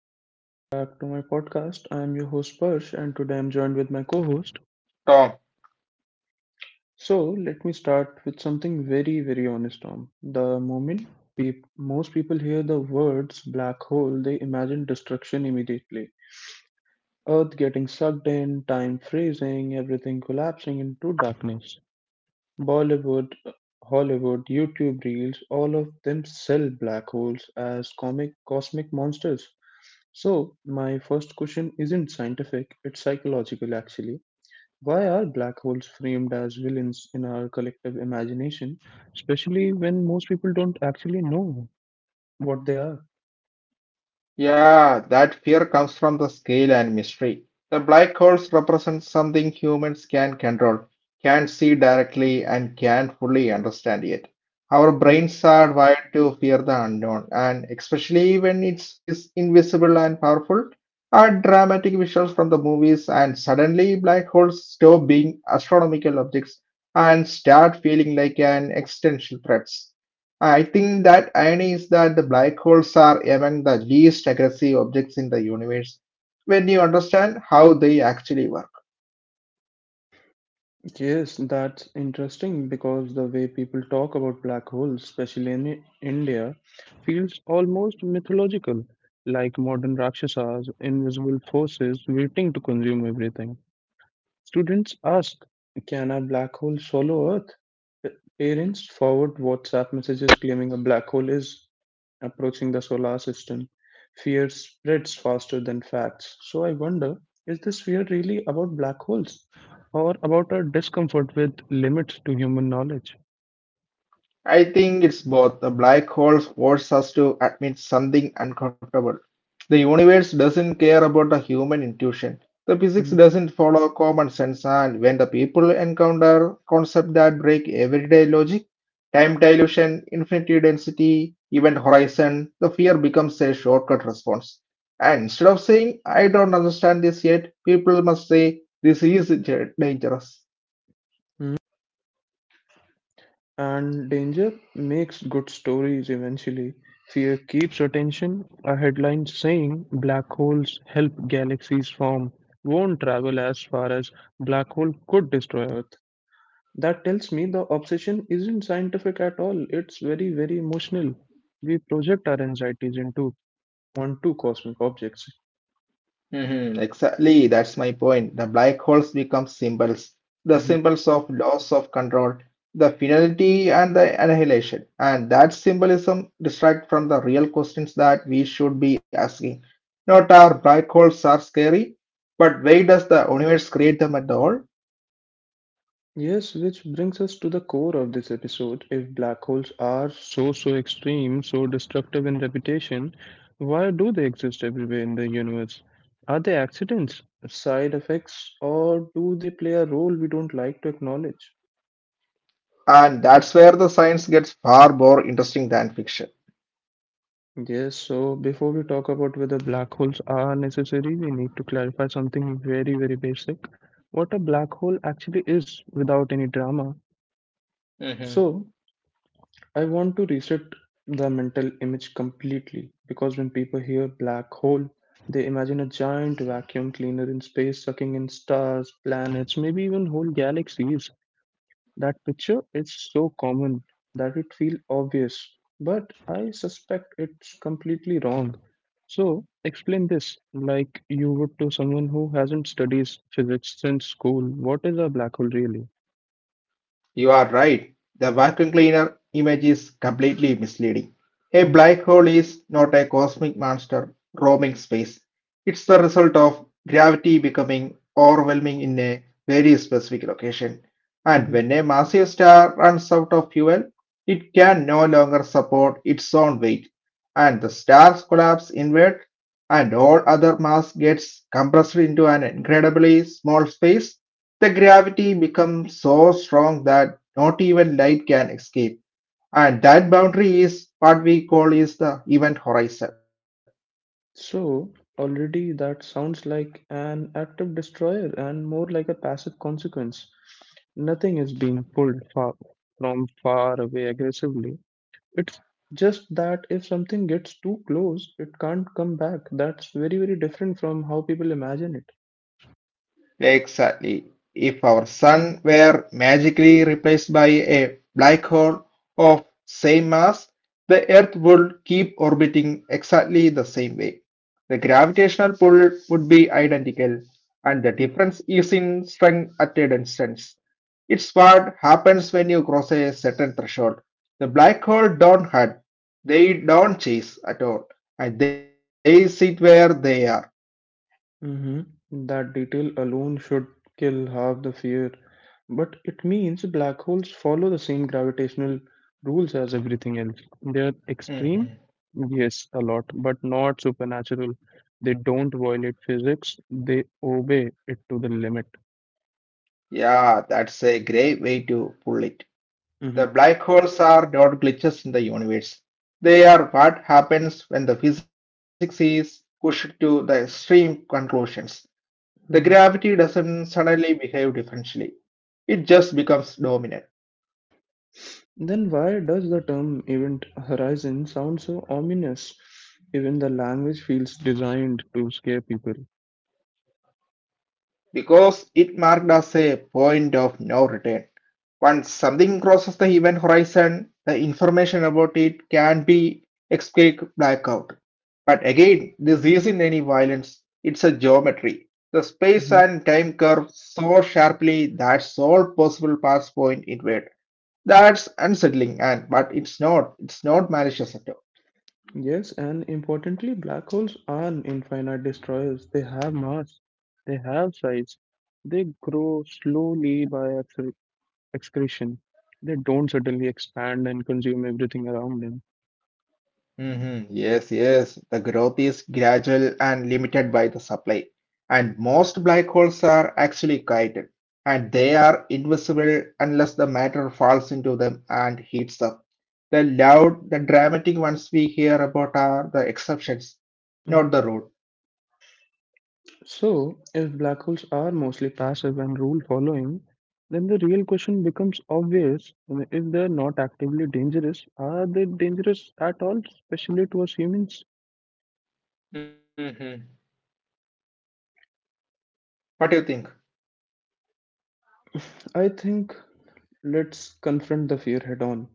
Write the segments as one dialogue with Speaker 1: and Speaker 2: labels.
Speaker 1: Hello, welcome back to my podcast. I am your host Parsh, and today I'm joined with my co host.
Speaker 2: Tom.
Speaker 1: So, let me start with something very, very honest, Tom. The moment peop most people hear the words black hole, they imagine destruction immediately. Earth getting sucked in, time freezing, everything collapsing into darkness. Bollywood, Hollywood, YouTube reels, all of them sell black holes as comic cosmic monsters. So, my first question isn't scientific, it's psychological actually. Why are black holes framed as villains in our collective imagination, especially when most people don't actually know what they are?
Speaker 2: Yeah, that fear comes from the scale and mystery. The black holes represent something humans can control, can't see directly, and can't fully understand yet. Our
Speaker 1: Mhm.
Speaker 2: brains are wired to fear the unknown, and especially when it's invisible and powerful, are dramatic visuals from the movies, and suddenly black holes stop being astronomical objects and start feeling like an existential threat. I think that irony is that the black holes are among the least aggressive objects in the universe when you understand how they actually work.
Speaker 1: Yes, that's interesting because the way people talk about black holes, especially in India, feels almost mythological, like modern Rakshasas, invisible forces waiting to consume everything. Students ask, can a black hole swallow Earth? P- Parents forward WhatsApp messages claiming a black hole is approaching the solar system. Fear spreads faster than facts. So I wonder, is this fear really about black holes or about our discomfort with limits to human knowledge?
Speaker 2: I think it's both. The black hole forces us to admit something uncomfortable. The universe doesn't care about the human intuition. The physics
Speaker 1: Mhm.
Speaker 2: doesn't follow common sense, and when the people encounter concepts that break everyday logic, time dilution, infinity density, event horizon, the fear becomes a shortcut response. And instead of saying, I don't understand this yet, people must say, this is dangerous.
Speaker 1: And danger makes good stories eventually. Fear keeps attention. A headline saying black holes help galaxies form won't travel as far as black hole could destroy Earth. That tells me the obsession isn't scientific at all. It's very, very emotional. We project our anxieties into onto cosmic objects.
Speaker 2: Mhm. Exactly, that's my point. The black holes become symbols, the
Speaker 1: Mm-hmm.
Speaker 2: symbols of loss of control, the finality, and the annihilation. And that symbolism distracts from the real questions that we should be asking. Not our black holes are scary, but why does the universe create them at all?
Speaker 1: Yes, which brings us to the core of this episode. If black holes are so, so extreme, so destructive in reputation, why do they exist everywhere in the universe? Are they accidents, side effects, or do they play a role we don't like to acknowledge?
Speaker 2: And that's where the science gets far more interesting than fiction.
Speaker 1: Yes, so before we talk about whether black holes are necessary, we need to clarify something very, very basic. What a black hole actually is without any drama. So, I want to reset the mental image completely because when people hear black hole, they imagine a giant vacuum cleaner in space sucking in stars, planets, maybe even whole galaxies. That picture is so common that it feels obvious, but I suspect it's completely wrong. So, explain this like you would to someone who hasn't studied physics since school. What is a black hole really?
Speaker 2: You are right. The vacuum cleaner image is completely misleading. A
Speaker 1: Mhm,
Speaker 2: black hole is not a cosmic monster roaming space. It's the result of gravity becoming overwhelming in a very specific location. And
Speaker 1: mhm.
Speaker 2: when a massive star runs out of fuel, it can no longer support its own weight. And the stars collapse inward, and all other mass gets compressed into an incredibly small space the gravity becomes so strong that not even light can escape, and that boundary is what we call is the event horizon.
Speaker 1: So, already that sounds like an active destroyer and more like a passive consequence. Nothing is being pulled far, from far away aggressively. It's just that if something gets too close, it can't come back. That's very, very different from how people imagine it.
Speaker 2: Exactly. If our sun were magically replaced by a black hole of same mass, the Earth would keep orbiting exactly the same way. The gravitational pull would be identical, and the difference is in strength at a distance. It's what happens when you cross a certain threshold. The black hole don't hurt, they don't chase at all, and they sit where they are.
Speaker 1: Mhm. That detail alone should kill half the fear. But it means black holes follow the same gravitational rules as everything else. They are extreme, yes, a lot, but not supernatural. They don't violate physics, they obey it to the limit.
Speaker 2: Yeah, that's a great way to pull it.
Speaker 1: Mhm.
Speaker 2: The black holes are not glitches in the universe. They are what happens when the physics is pushed to the extreme conclusions. The
Speaker 1: Mhm.
Speaker 2: gravity doesn't suddenly behave differently. It just becomes dominant.
Speaker 1: Then why does the term event horizon sound so ominous? Even the language feels designed to scare people.
Speaker 2: Because it marked as a point of no return. Once something crosses the event horizon, the information about it can be escaped blackout. But again, this isn't any violence, it's a geometry. The space and time curve so sharply that's all possible paths point inward. That's unsettling and but it's not malicious at all.
Speaker 1: Yes, and importantly, black holes aren't infinite destroyers. They have mass, they have size, they grow slowly by excretion. They don't suddenly expand and consume everything around them.
Speaker 2: Mhm. Yes, yes. The growth is gradual and limited by the supply. And most black holes are actually guided, and they are invisible unless the matter falls into them and heats up. The loud, the dramatic ones we hear about are the exceptions, not the
Speaker 1: Mhm.
Speaker 2: rule.
Speaker 1: So, if black holes are mostly passive and rule following, then the real question becomes obvious. I mean, if they're not actively dangerous, are they dangerous at all, especially towards humans?
Speaker 2: Hmm. What do you think?
Speaker 1: I think let's confront the fear head on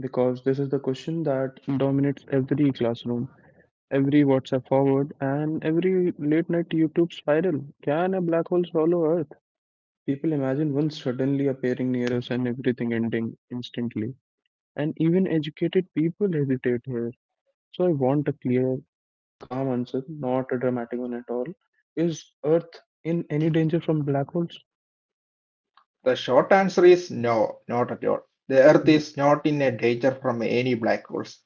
Speaker 1: because this is the question that dominates every classroom, every WhatsApp forward, and every late night YouTube spiral. Can a black hole swallow Earth? People imagine one suddenly appearing near us and everything ending instantly. And even educated people hesitate here. So I want a clear, calm answer, not a dramatic one at all. Is Earth in any danger from black holes?
Speaker 2: The short answer is no, not at all. The Earth is not in a danger from any black holes.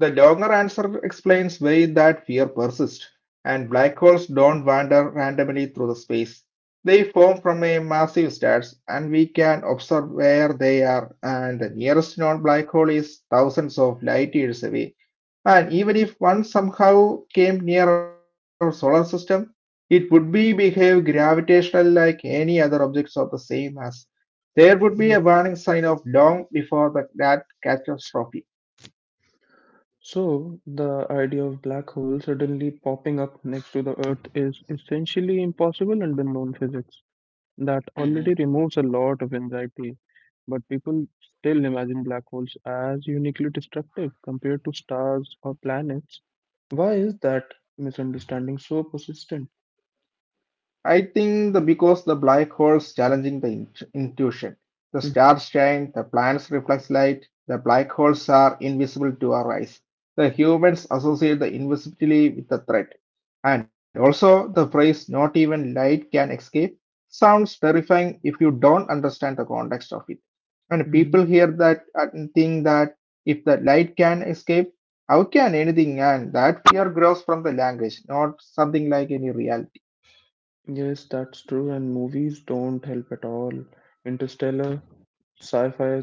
Speaker 2: The longer answer explains why that fear persists, and black holes don't wander randomly through the space. They form from a massive stars, and we can observe where they are, and the nearest known black hole is thousands of light years away. And even if one somehow came near our solar system, it would be behave gravitational like any other objects of the same mass there would be a warning sign off long before that catastrophe.
Speaker 1: So, the idea of black holes suddenly popping up next to the Earth is essentially impossible under known physics. That already
Speaker 2: Hmm.
Speaker 1: removes a lot of anxiety, but people still imagine black holes as uniquely destructive compared to stars or planets. Why is that misunderstanding so persistent?
Speaker 2: I think the because the black holes challenging the intuition. The stars shine, the planets reflect light, the black holes are invisible to our eyes. The humans associate the invisibility with the threat. And also the phrase not even light can escape sounds terrifying if you don't understand the context of it. And people
Speaker 1: Mhm.
Speaker 2: hear that and think that if the light can escape, how can anything? And that fear grows from the language, not something like any reality.
Speaker 1: Yes, that's true, and movies don't help at all. Interstellar, sci-fi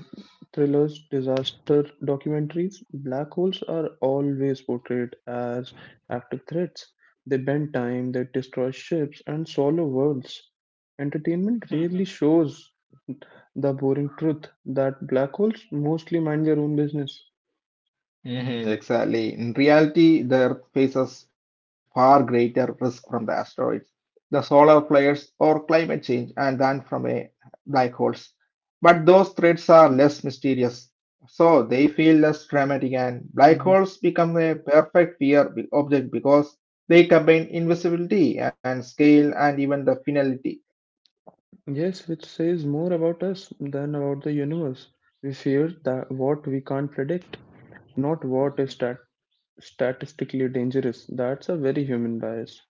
Speaker 1: thrillers, disaster documentaries, black holes are always portrayed as active threats. They bend time, they destroy ships, and swallow worlds. Entertainment rarely shows the boring truth that black holes mostly mind their own business.
Speaker 2: Mhm. Exactly. In reality, the Earth faces far greater risk from the asteroids, the solar flares, or climate change, and than from a black holes. But those threats are less mysterious, so they feel less dramatic, and black
Speaker 1: Mhm.
Speaker 2: holes become a perfect object because they combine invisibility and scale and even the finality.
Speaker 1: Yes, which says more about us than about the universe. We fear that what we can't predict. Not what is statistically dangerous. That's a very human bias.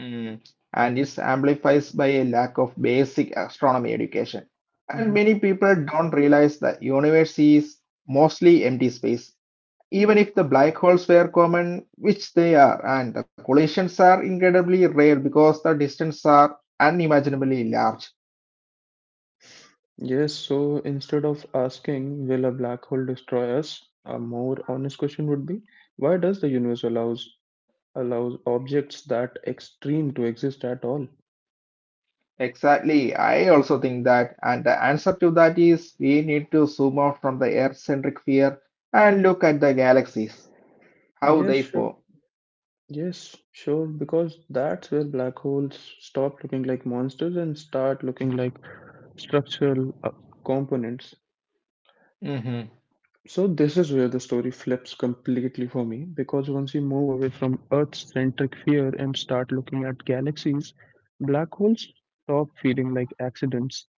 Speaker 2: Mm. And is amplifies by a lack of basic astronomy education. And
Speaker 1: Mhm.
Speaker 2: many people don't realize that universe is mostly empty space. Even if the black holes were common, which they are, and the collisions are incredibly rare because the distances are unimaginably large.
Speaker 1: Yes, so instead of asking, will a black hole destroy us? A more honest question would be, why does the universe allows objects that extreme to exist at all?
Speaker 2: Exactly, I also think that, and the answer to that is we need to zoom out from the Earth-centric sphere and look at the galaxies, how
Speaker 1: Yes,
Speaker 2: they
Speaker 1: sure.
Speaker 2: form.
Speaker 1: Yes, sure, because that's where black holes stop looking like monsters and start looking like structural components. So this is where the story flips completely for me because once we move away from Earth-centric fear and start looking at galaxies, black holes stop feeling like accidents.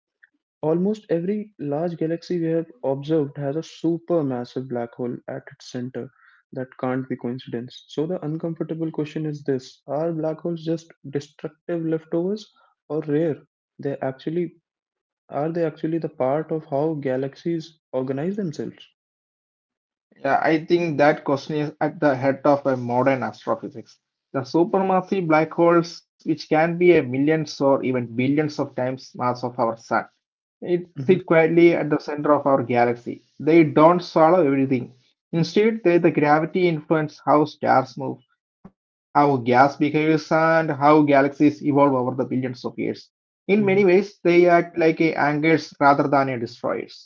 Speaker 1: Almost every large galaxy we have observed has a supermassive black hole at its center that can't be coincidence. So the uncomfortable question is this: are black holes just destructive leftovers or rare? They actually are they actually the part of how galaxies organize themselves?
Speaker 2: Yeah, I think that question is at the head of a modern astrophysics. The supermassive black holes, which can be a millions or even billions of times mass of our sun, it
Speaker 1: Mhm,
Speaker 2: sit quietly at the center of our galaxy. They don't swallow everything. Instead, they the gravity influence how stars move, how gas behaves, and how galaxies evolve over the billions of years. In many
Speaker 1: mhm.
Speaker 2: ways, they act like a anchors rather than a destroyers.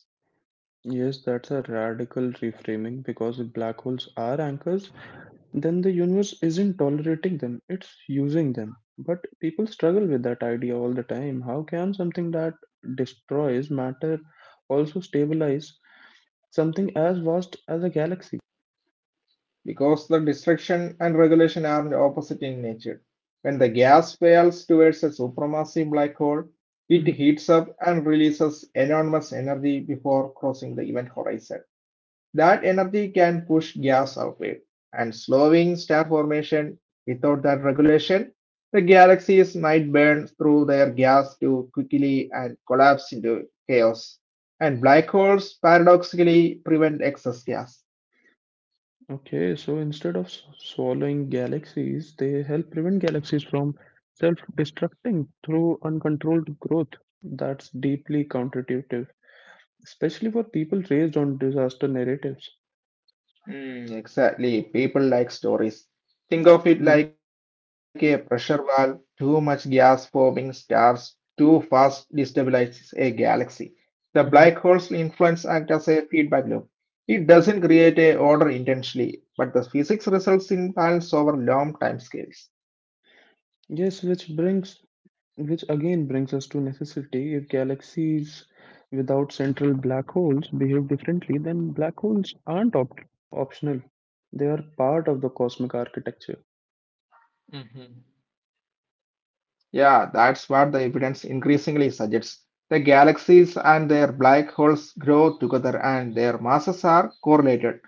Speaker 1: Yes, that's a radical reframing because if black holes are anchors, then the universe isn't tolerating them, it's using them. But people struggle with that idea all the time. How can something that destroys matter also stabilize something as vast as a galaxy?
Speaker 2: Because the destruction and regulation are opposite in nature. When the gas fails towards a supermassive black hole, it
Speaker 1: Mhm.
Speaker 2: heats up and releases enormous energy before crossing the event horizon. That energy can push gas outward and slowing star formation without that regulation. The galaxies might burn through their gas too quickly and collapse into chaos. And black holes paradoxically prevent excess gas.
Speaker 1: Okay, so instead of swallowing galaxies, they help prevent galaxies from self destructing through uncontrolled growth. That's deeply counterintuitive. Especially for people raised on disaster narratives.
Speaker 2: Hmm, exactly. People like stories. Think of it
Speaker 1: Mhm.
Speaker 2: like a pressure valve. Too much gas forming stars too fast destabilizes a galaxy. The black hole's influence act as a feedback loop. It doesn't create a order intentionally, but the physics results in balance over long timescales.
Speaker 1: Yes, which brings, which again brings us to necessity. If galaxies without central black holes behave differently, then black holes aren't optional. They are part of the cosmic architecture.
Speaker 2: Yeah, that's what the evidence increasingly suggests. The galaxies and their black holes grow together and their masses are correlated.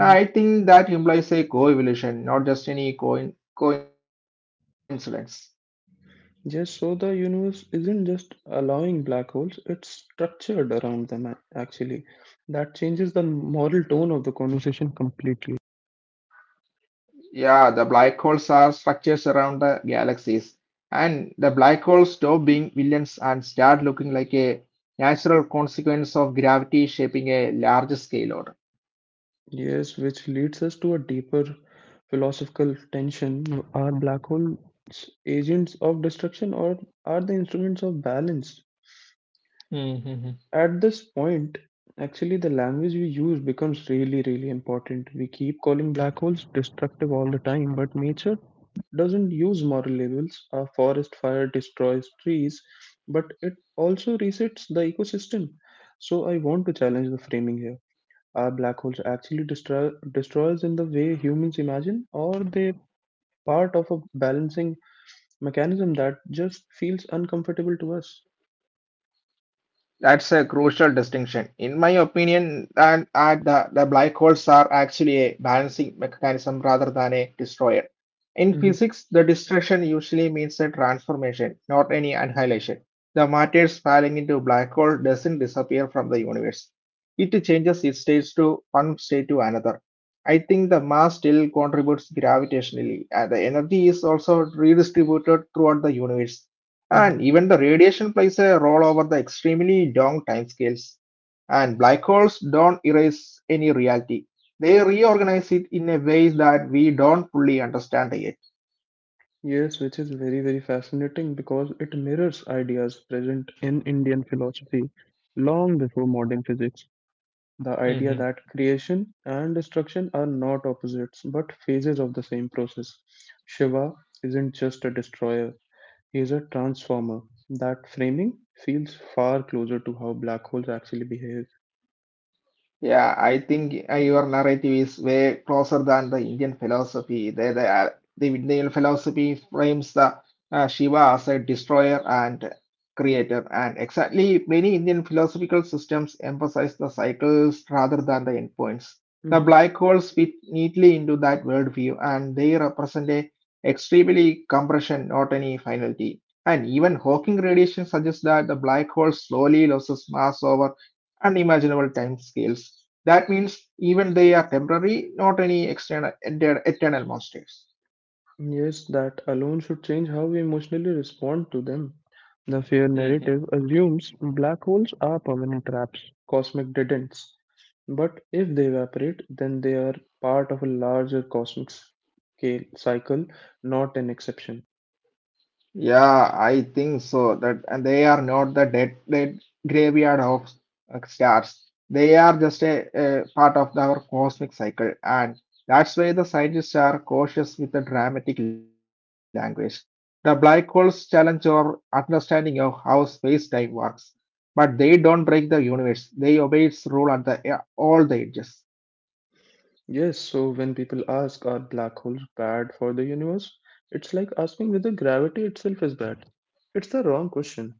Speaker 2: I think that implies a coevolution, not just any coincidence.
Speaker 1: Yes, so the universe isn't just allowing black holes, it's structured around them, actually. That changes the moral tone of the conversation completely.
Speaker 2: Yeah, the black holes are structures around the galaxies, and the black holes stop being villains and start looking like a natural consequence of gravity shaping a large scale order.
Speaker 1: Yes, which leads us to a deeper philosophical tension. Are black holes agents of destruction or are they instruments of balance? At this point, actually, the language we use becomes really, really important. We keep calling black holes destructive all the time, but nature doesn't use moral labels. A forest fire destroys trees, but it also resets the ecosystem. So I want to challenge the framing here. Are black holes actually destroyers in the way humans imagine, or they part of a balancing mechanism that just feels uncomfortable to us?
Speaker 2: That's a crucial distinction. In my opinion, and at the black holes are actually a balancing mechanism rather than a destroyer. In
Speaker 1: hmm
Speaker 2: physics, the destruction usually means a transformation, not any annihilation. The matter falling into a black hole doesn't disappear from the universe. It changes its states to one state to another. I think the mass still contributes gravitationally, and the energy is also redistributed throughout the universe.
Speaker 1: hmm
Speaker 2: And even the radiation plays a role over the extremely long timescales. And black holes don't erase any reality. They reorganize it in a ways that we don't fully understand yet.
Speaker 1: Yes, which is very, very fascinating because it mirrors ideas present in Indian philosophy long before modern physics. The idea that creation and destruction are not opposites but phases of the same process. Shiva isn't just a destroyer is a transformer. That framing feels far closer to how black holes actually behave.
Speaker 2: Yeah, I think your narrative is way closer than the Indian philosophy. The Indian philosophy frames the Shiva as a destroyer and creator, and exactly many Indian philosophical systems emphasize the cycles rather than the endpoints. The
Speaker 1: Mhm.
Speaker 2: black holes fit neatly into that worldview, and they represent a extremely compression, not any finality. And even Hawking radiation suggests that the black hole slowly loses mass over unimaginable time scales. That means even they are temporary, not any external eternal monsters.
Speaker 1: Yes, that alone should change how we emotionally respond to them. The fear narrative assumes black holes are permanent traps, cosmic dead ends. But if they evaporate, then they are part of a larger cosmic scale cycle, not an exception.
Speaker 2: Yeah, I think so. That and they are not the dead graveyard of stars. They are just a part of our cosmic cycle, and that's why the scientists are cautious with the dramatic language. The black holes challenge our understanding of how space-time works, but they don't break the universe. They obey its rule at the all the edges.
Speaker 1: Yes, so when people ask, are black holes bad for the universe? It's like asking whether gravity itself is bad. It's the wrong question.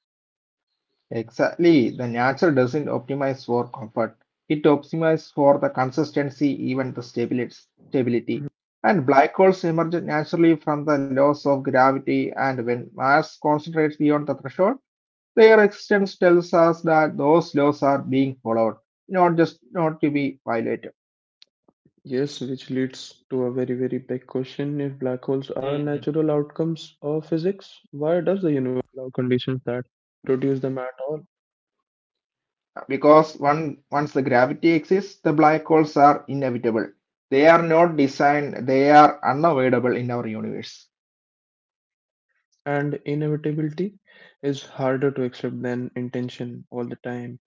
Speaker 2: Exactly. The nature doesn't optimize for comfort. It optimizes for the consistency, even the
Speaker 1: Mhm.
Speaker 2: stability. And black holes emerge naturally from the laws of gravity, and when mass concentrates beyond the threshold, their existence tells us that those laws are being followed, not just not to be violated.
Speaker 1: Yes, which leads to a very, very big question. If black holes are
Speaker 2: Mhm.
Speaker 1: natural outcomes of physics, why does the universe allow conditions that produce them at all?
Speaker 2: Because one, once the gravity exists, the black holes are inevitable. They are not designed, they are unavoidable in our universe.
Speaker 1: And inevitability is harder to accept than intention all the time.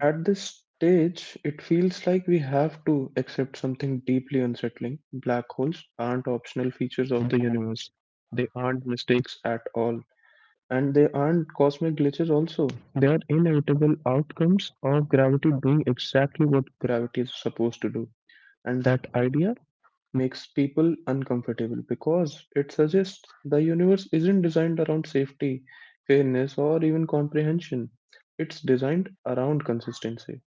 Speaker 1: At this stage, it feels like we have to accept something deeply unsettling. Black holes aren't optional features of the universe. They aren't mistakes at all. And they aren't cosmic glitches also. They are inevitable outcomes of gravity doing exactly what gravity is supposed to do. And that idea makes people uncomfortable because it suggests the universe isn't designed around safety, fairness, or even comprehension. It's designed around consistency.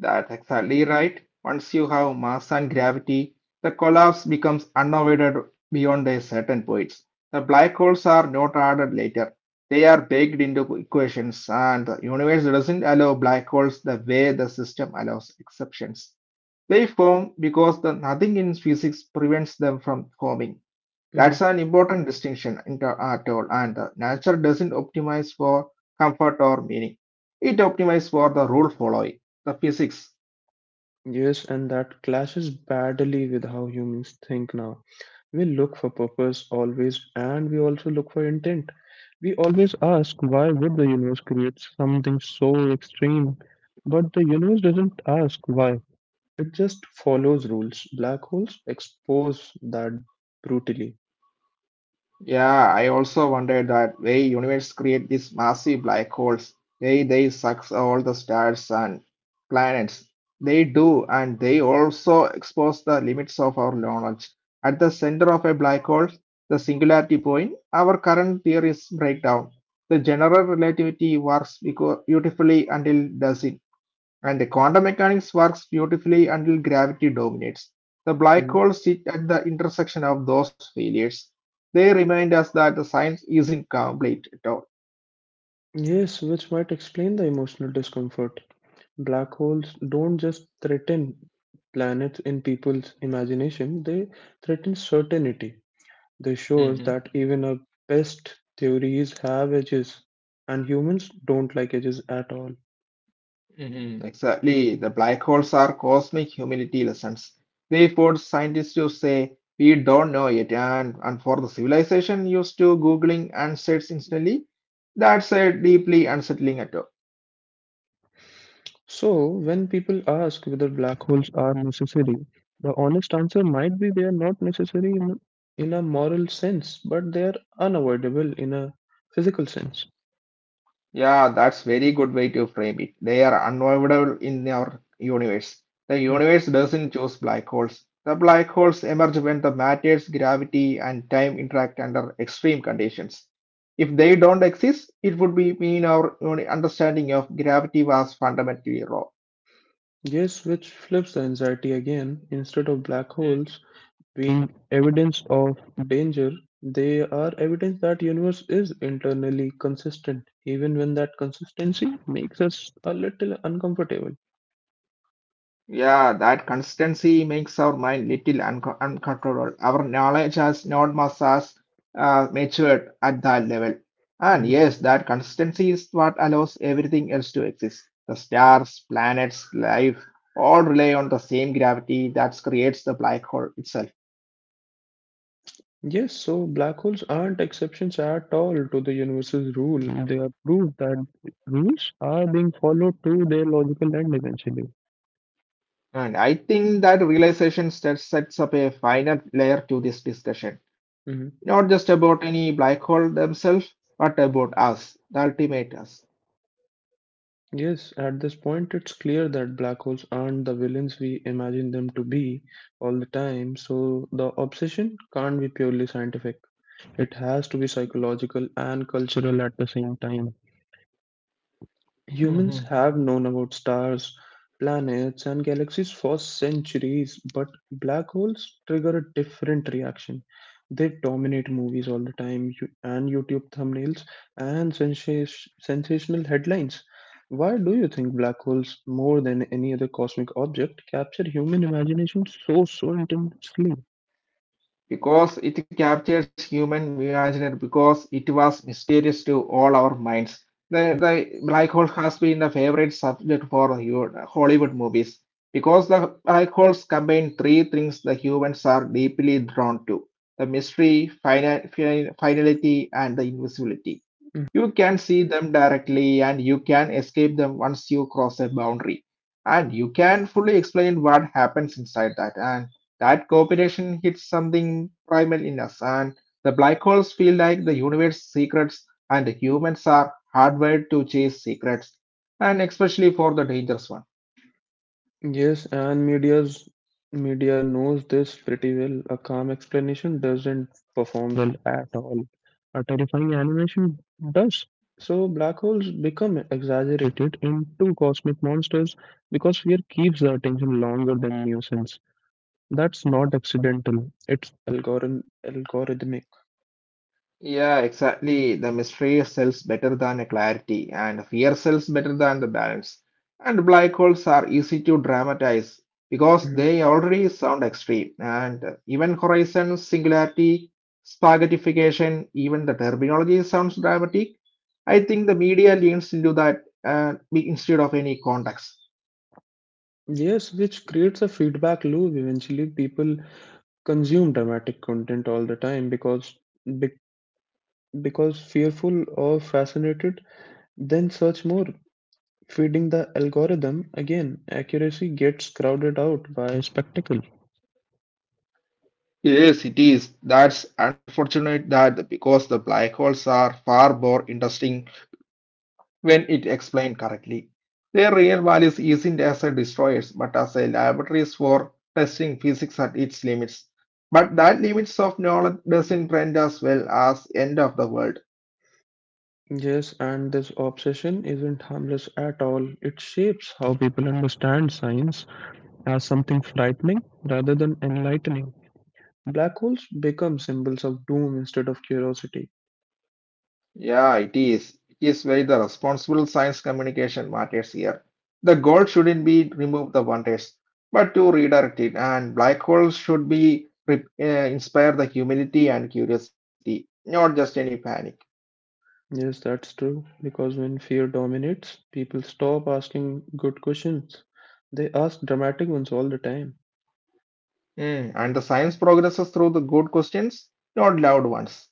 Speaker 2: That's exactly right. Once you have mass and gravity, the collapse becomes unavoided beyond a certain point. The black holes are not added later. They are baked into equations, and the universe doesn't allow black holes the way the system allows exceptions. They form because the nothing in physics prevents them from forming. That's
Speaker 1: Mhm.
Speaker 2: an important distinction in at all, and the nature doesn't optimize for comfort or meaning. It optimizes for the rule following, the physics.
Speaker 1: Yes, and that clashes badly with how humans think now. We look for purpose always, and we also look for intent. We always ask, why would the universe create something so extreme? But the universe doesn't ask why, it just follows rules. Black holes expose that brutally.
Speaker 2: Yeah, I also wondered that why universe create these massive black holes, why they suck all the stars and planets. They do, and they also expose the limits of our knowledge. At the center of a black hole, the singularity point, our current theories break down. The general relativity works beautifully until doesn't. And the quantum mechanics works beautifully until gravity dominates. The black
Speaker 1: Mhm.
Speaker 2: holes sit at the intersection of those failures. They remind us that the science isn't complete at all.
Speaker 1: Yes, which might explain the emotional discomfort. Black holes don't just threaten planets in people's imagination, they threaten certainty. This shows
Speaker 2: hmm
Speaker 1: that even our best theories have edges, and humans don't like edges at all.
Speaker 2: Exactly. The black holes are cosmic humility lessons. They force scientists to say, we don't know yet. And for the civilization used to Googling answers instantly, that's a deeply unsettling at all.
Speaker 1: So, when people ask whether black holes are necessary, the honest answer might be they are not necessary in a moral sense, but they are unavoidable in a physical sense.
Speaker 2: Yeah, that's very good way to frame it. They are unavoidable in our universe. The
Speaker 1: Mhm.
Speaker 2: universe doesn't choose black holes. The black holes emerge when the matter's gravity and time interact under extreme conditions. If they don't exist, it would be mean our understanding of gravity was fundamentally wrong.
Speaker 1: Yes, which flips the anxiety again. Instead of black holes, being evidence of danger, they are evidence that universe is internally consistent, even when that consistency makes us a little uncomfortable.
Speaker 2: Yeah, that consistency makes our mind little uncontrollable. Our knowledge has not much as matured at that level. And yes,
Speaker 1: Mhm.
Speaker 2: that consistency is what allows everything else to exist. The stars, planets, life all rely on the same gravity that creates the black hole itself.
Speaker 1: Yes, so black holes aren't exceptions at all to the universe's rule. They are.
Speaker 2: And I think that realization sets up a final layer to this discussion.
Speaker 1: Mhm.
Speaker 2: Not just about any black hole themselves, but about us, the ultimate us.
Speaker 1: Yes, at this point, it's clear that black holes aren't the villains we imagine them to be all the time, so the obsession can't be purely scientific. It has to be psychological and cultural at the same time. Humans have known about stars, planets, and galaxies for centuries, but black holes trigger a different reaction. They dominate movies all the time and YouTube thumbnails and sensational headlines. Why do you think black holes, more than any other cosmic object, capture human imagination so intensely?
Speaker 2: Because it captures human imagination, because it was mysterious to all our minds. The black hole has been a favorite subject for Hollywood movies because the black holes combine three things the humans are deeply drawn to the mystery, finality, and the invisibility. You can see them directly and you can escape them once you cross a boundary. And you can fully explain what happens inside that. And that cooperation hits something primal in us. And the black holes feel like the universe's secrets, and humans are hardwired to chase secrets, and especially for the dangerous ones.
Speaker 1: Yes, and media knows this pretty well. A calm explanation doesn't perform well at all. A terrifying animation does. So black holes become exaggerated into cosmic monsters because fear keeps the attention longer than nuisance. That's not accidental. It's algorithmic.
Speaker 2: Yeah, exactly. The mystery sells better than a clarity, and fear sells better than the balance. And black holes are easy to dramatize because
Speaker 1: Mhm.
Speaker 2: they already sound extreme. And even horizon, singularity, spaghettification, even the terminology sounds dramatic. I think the media leans into that, instead of any context.
Speaker 1: Yes, which creates a feedback loop. Eventually, people consume dramatic content all the time because fearful or fascinated, then search more, feeding the algorithm again. Accuracy gets crowded out by spectacle.
Speaker 2: Yes, it is. That's unfortunate that because the black holes are far more interesting when it explained correctly. Their real values isn't as a destroyers, but as a laboratories for testing physics at its limits. But that limits of knowledge doesn't brand as well as end of the world.
Speaker 1: Yes, and this obsession isn't harmless at all. It shapes how people understand science as something frightening rather than enlightening. Black holes become symbols of doom instead of curiosity.
Speaker 2: Yeah, it is. It is where the responsible science communication matters here. The goal shouldn't be remove the wonders, but to redirect it. And black holes should be inspire the humility and curiosity, not just any panic.
Speaker 1: Yes, that's true, because when fear dominates, people stop asking good questions. They ask dramatic ones all the time.
Speaker 2: And the science progresses through the good questions, not loud ones.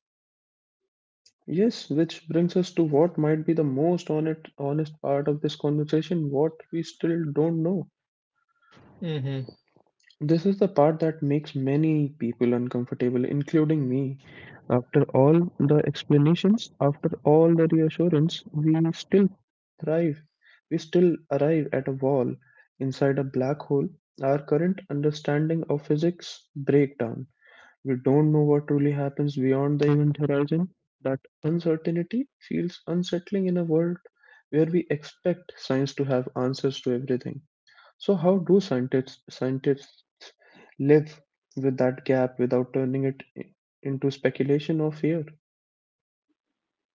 Speaker 1: Yes, which brings us to what might be the most honest part of this conversation, what we still don't know.
Speaker 2: Mhm.
Speaker 1: This is the part that makes many people uncomfortable, including me. After all the explanations, after all the reassurance, we still thrive. We still arrive at a wall inside a black hole. Our current understanding of physics breaks down. We don't know what really happens beyond the event horizon. That uncertainty feels unsettling in a world where we expect science to have answers to everything. So, how do scientists live with that gap without turning it into speculation or fear?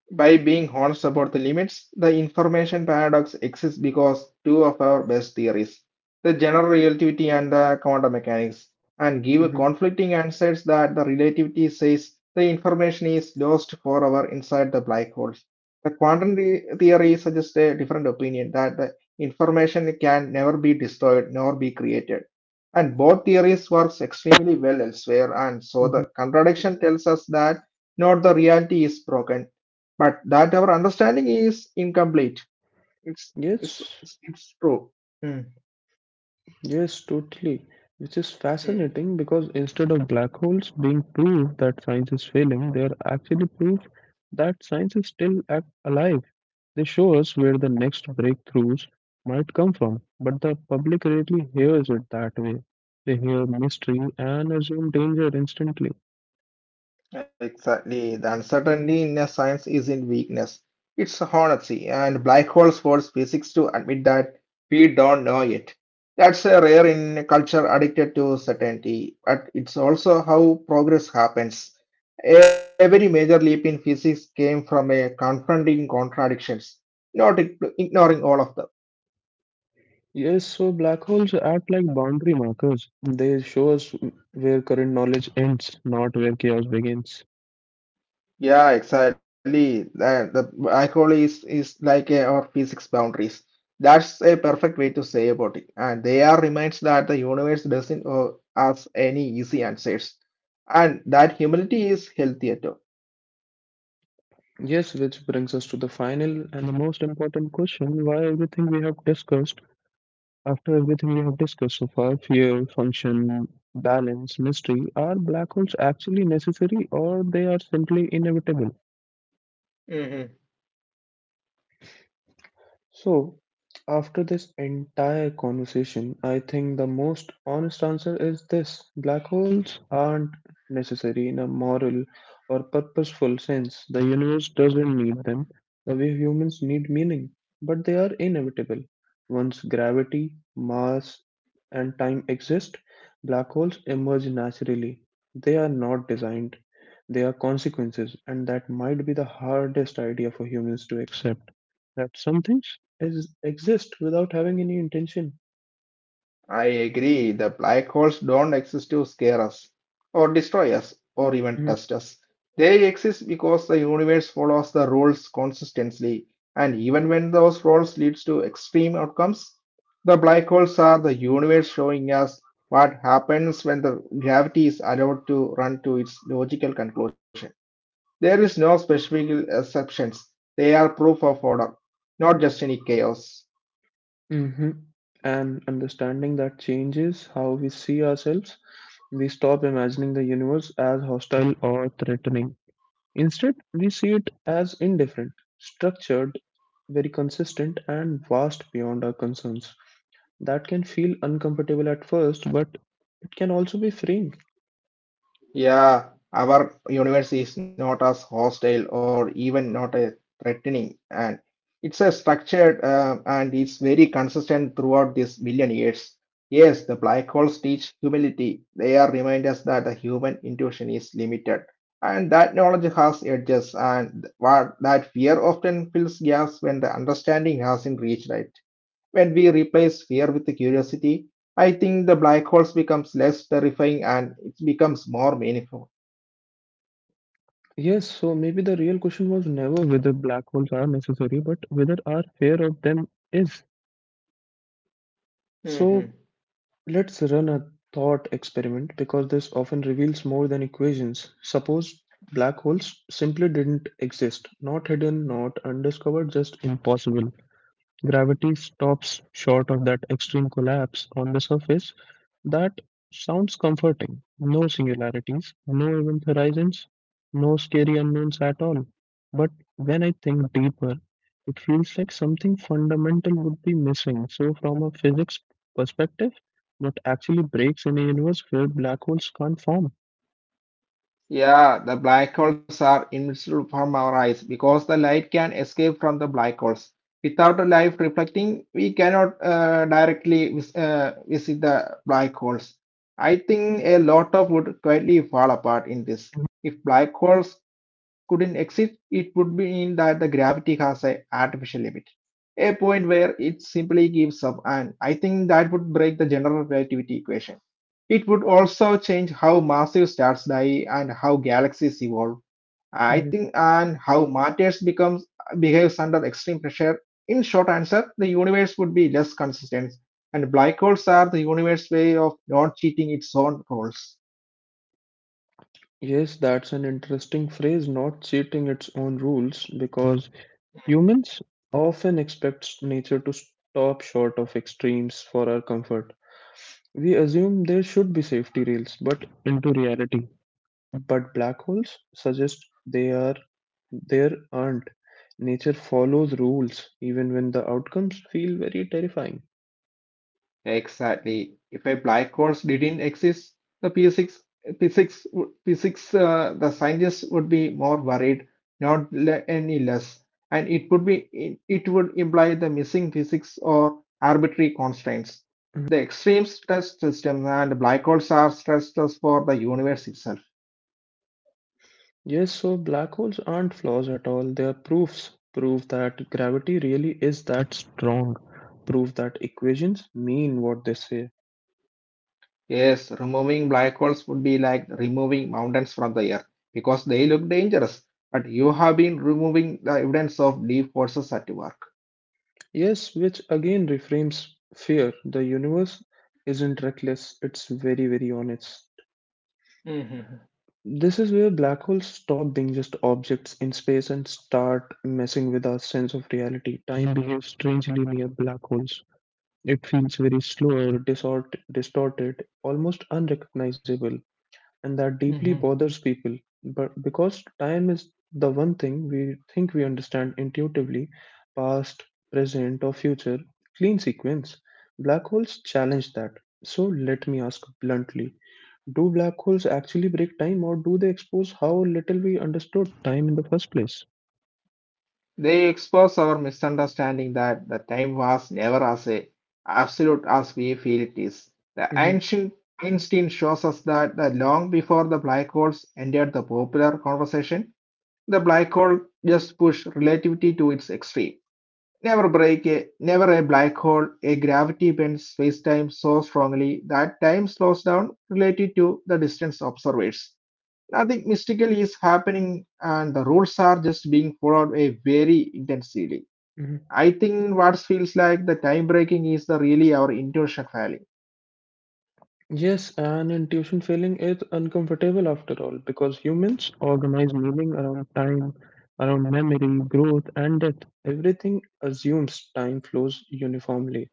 Speaker 2: By being honest about the limits, the information paradox exists because two of our best theories, the general relativity and the quantum mechanics, and give
Speaker 1: Hmm.
Speaker 2: conflicting answers that the relativity says the information is lost forever inside the black holes. The quantum theory suggests a different opinion that the information can never be destroyed nor be created. And both theories works extremely well elsewhere, and so
Speaker 1: Hmm.
Speaker 2: the contradiction tells us that not the reality is broken but that our understanding is incomplete. It's it's
Speaker 1: Yes,
Speaker 2: it's, it's true. Hmm.
Speaker 1: yes, totally. Which is
Speaker 2: Hmm.
Speaker 1: fascinating because instead of black holes being proof that science is failing, they are actually proof that science is still ac alive. They show us where the next breakthroughs might come from, but the public rarely hears it that way. They hear mystery and assume danger instantly.
Speaker 2: Exactly. The uncertainty in a science isn't weakness. It's honesty, and black holes force physics to admit that we don't know yet. That's a rare in a culture addicted to certainty, but it's also how progress happens. Every major leap in physics came from a confronting contradictions, not ignoring all of them.
Speaker 1: Yes, so black holes act like boundary markers. They show us where current knowledge ends, not where chaos begins.
Speaker 2: Yeah, exactly. That the alcohol is like a, our physics boundaries. That's a perfect way to say about it. And they are reminds that the universe doesn't owe us any easy answers, and that humility is healthy at all.
Speaker 1: Yes, which brings us to the final and the most important question why everything we have discussed. After everything we have discussed so far, fear, function, balance, mystery, are black holes actually necessary or they are simply inevitable? So, after this entire conversation, I think the most honest answer is this: black holes aren't necessary in a moral or purposeful sense. The universe doesn't need them the way humans need meaning, but they are inevitable. Once gravity, mass, and time exist, black holes emerge naturally. They are not designed, they are consequences, and that might be the hardest idea for humans to accept. That some things. Is exist without having any intention.
Speaker 2: I agree. The black holes don't exist to scare us, or destroy us, or even test us. They exist because the universe follows the rules consistently, and even when those rules leads to extreme outcomes, the black holes are the universe showing us what happens when the gravity is allowed to run to its logical conclusion. There is no specific exceptions. They are proof of order, not just any chaos.
Speaker 1: Hmm. Hmm. And understanding that changes how we see ourselves, we stop imagining the universe as hostile or threatening. Instead, we see it as indifferent, structured, very consistent, and vast beyond our concerns. That can feel uncomfortable at first, but it can also be freeing.
Speaker 2: Yeah, our universe is not as hostile or even not a threatening, and it's a structured, and it's very consistent throughout these billion years. Yes, the black holes teach humility. They are reminders that the human intuition is limited, and that knowledge has edges, and what that fear often fills gaps when the understanding hasn't reached it. When we replace fear with curiosity, I think the black holes becomes less terrifying and it becomes more meaningful.
Speaker 1: Yes, so maybe the real question was never whether black holes are necessary, but whether our fear of them is. So let's run a thought experiment because this often reveals more than equations. Suppose black holes simply didn't exist, not hidden, not undiscovered, just impossible. Gravity stops short of that extreme collapse on the surface. That sounds comforting. No singularities, no event horizons, no scary unknowns at all. But when I think deeper, it feels like something fundamental would be missing. So, from a physics perspective, what actually breaks in a universe where black holes can't form?
Speaker 2: Yeah, the black holes are invisible from our eyes because the light can escape from the black holes. Without a light reflecting, we cannot, directly visit the black holes. I think a lot of would quietly fall apart in this. If black holes couldn't exist, it would mean that the gravity has an artificial limit, a point where it simply gives up, and I think that would break the general relativity equation. It would also change how massive stars die and how galaxies evolve. I
Speaker 1: Mhm.
Speaker 2: think and how matters becomes behaves under extreme pressure. In short answer, the universe would be less consistent, and black holes are the universe's way of not cheating its own rules.
Speaker 1: Yes, that's an interesting phrase, not cheating its own rules, because humans often expect nature to stop short of extremes for our comfort. We assume there should be safety rails, but into reality. But black holes suggest they are there aren't. Nature follows rules even when the outcomes feel very terrifying.
Speaker 2: Exactly. If a black hole didn't exist, the physics, physics, would- physics, the scientists would be more worried, not any less. And it would imply the missing physics or arbitrary constraints.
Speaker 1: Mhm.
Speaker 2: The extreme stress system and black holes are stress tests for the universe itself.
Speaker 1: Yes, so black holes aren't flaws at all. They are proofs. Proof that gravity really is that strong. Proof that equations mean what they say.
Speaker 2: Yes, removing black holes would be like removing mountains from the earth because they look dangerous. But you have been removing the evidence of deep forces at work.
Speaker 1: Yes, which again reframes fear. The universe isn't reckless, it's very, very honest.
Speaker 2: Mhm,
Speaker 1: This is where black holes stop being just objects in space and start messing with our sense of reality. Time behaves strangely near black holes. It feels very slow, distorted, almost unrecognizable, and that deeply
Speaker 2: mhm.
Speaker 1: bothers people. But because time is the one thing we think we understand intuitively, past, present, or future, clean sequence, black holes challenge that. So let me ask bluntly, do black holes actually break time, or do they expose how little we understood time in the first place?
Speaker 2: They expose our misunderstanding that the time was never as a absolute as we feel it is. The
Speaker 1: Hmm.
Speaker 2: ancient Einstein shows us that the long before the black holes entered the popular conversation, the black hole just pushed relativity to its extreme. Never a black hole, a gravity bends space-time so strongly that time slows down relative to the distance observers. Nothing mystical is happening, and the rules are just being followed a very intensively.
Speaker 1: Hmm.
Speaker 2: I think what feels like the time breaking is the really our intuition failing.
Speaker 1: Yes, and intuition failing is uncomfortable after all, because humans organize meaning around time, around memory, growth, and death. Everything assumes time flows uniformly.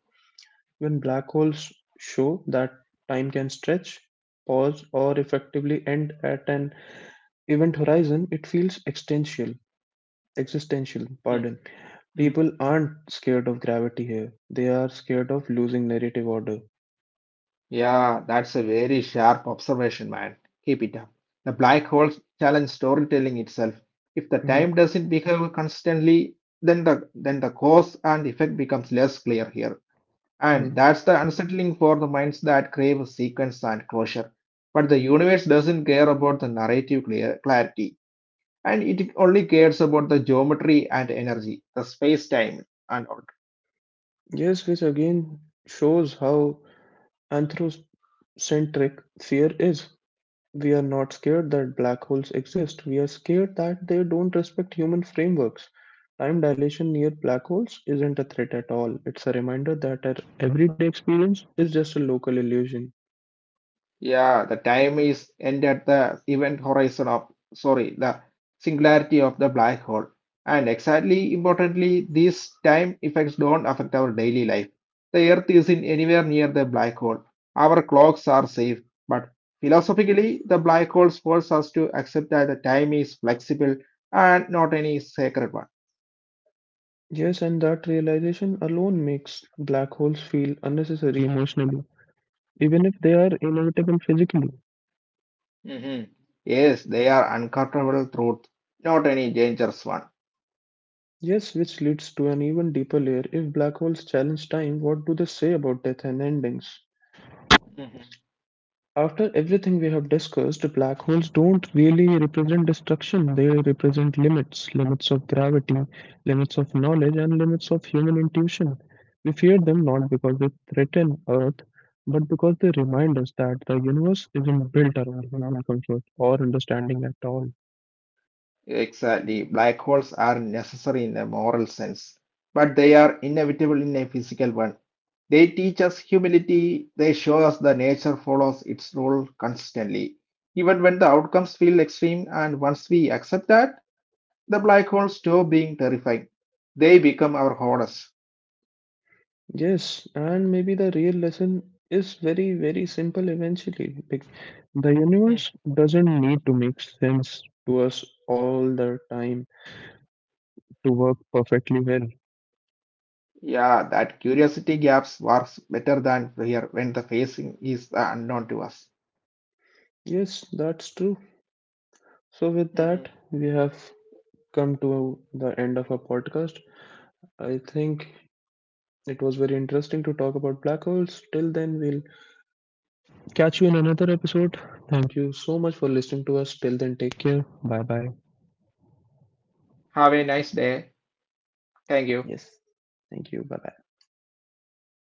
Speaker 1: When black holes show that time can stretch, pause, or effectively end at an event horizon, it feels existential. Existential, pardon. People aren't scared of gravity here. They are scared of losing narrative order.
Speaker 2: Yeah, that's a very sharp observation, man. Keep it up. The black hole challenge storytelling itself. If the time
Speaker 1: Mhm,
Speaker 2: doesn't behave constantly, then the cause and effect becomes less clear here. And
Speaker 1: mhm.
Speaker 2: that's the unsettling for the minds that crave sequence and closure. But the universe doesn't care about the narrative clarity, and it only cares about the geometry and energy, the space time, and all.
Speaker 1: Yes, which again shows how anthropocentric fear is. We are not scared that black holes exist. We are scared that they don't respect human frameworks. Time dilation near black holes isn't a threat at all. It's a reminder that our everyday experience is just a local illusion.
Speaker 2: Yeah, the time is end at the event horizon of, sorry, the singularity of the black hole. And exactly importantly, these time effects don't affect our daily life. The Earth isn't anywhere near the black hole. Our clocks are safe, but philosophically, the black holes force us to accept that the time is flexible and not any sacred one.
Speaker 1: Yes, and that realization alone makes black holes feel unnecessary emotionally, even if they are inevitable physically.
Speaker 2: Mhm. Yes, they are uncomfortable truth, not any dangerous one.
Speaker 1: Yes, which leads to an even deeper layer. If black holes challenge time, what do they say about death and endings?
Speaker 2: Mhm.
Speaker 1: After everything we have discussed, black holes don't really represent destruction. They represent limits of gravity, limits of knowledge, and limits of human intuition. We fear them not because they threaten Earth, but because they remind us that the universe isn't built around human comfort or understanding at all.
Speaker 2: Exactly. Black holes are necessary in a moral sense, but they are inevitable in a physical one. They teach us humility, they show us the nature follows its rule consistently. Even when the outcomes feel extreme, and once we accept that, the black holes stop being terrifying. They become our horrors.
Speaker 1: Yes, and maybe the real lesson is very, very simple eventually. The universe
Speaker 2: Mm.
Speaker 1: doesn't need to make sense to us all the time to work perfectly well.
Speaker 2: Yeah, that curiosity gaps works better than fear when the facing is the unknown to us.
Speaker 1: Yes, that's true. So, with that, we
Speaker 2: hmm
Speaker 1: have come to the end of our podcast. I think it was very interesting to talk about black holes. Till then, we'll catch you in another episode. Thank you so much for listening to us. Till then, take care.
Speaker 2: Have a nice day. Thank
Speaker 1: Yes,
Speaker 2: you.
Speaker 1: thank you. Bye bye.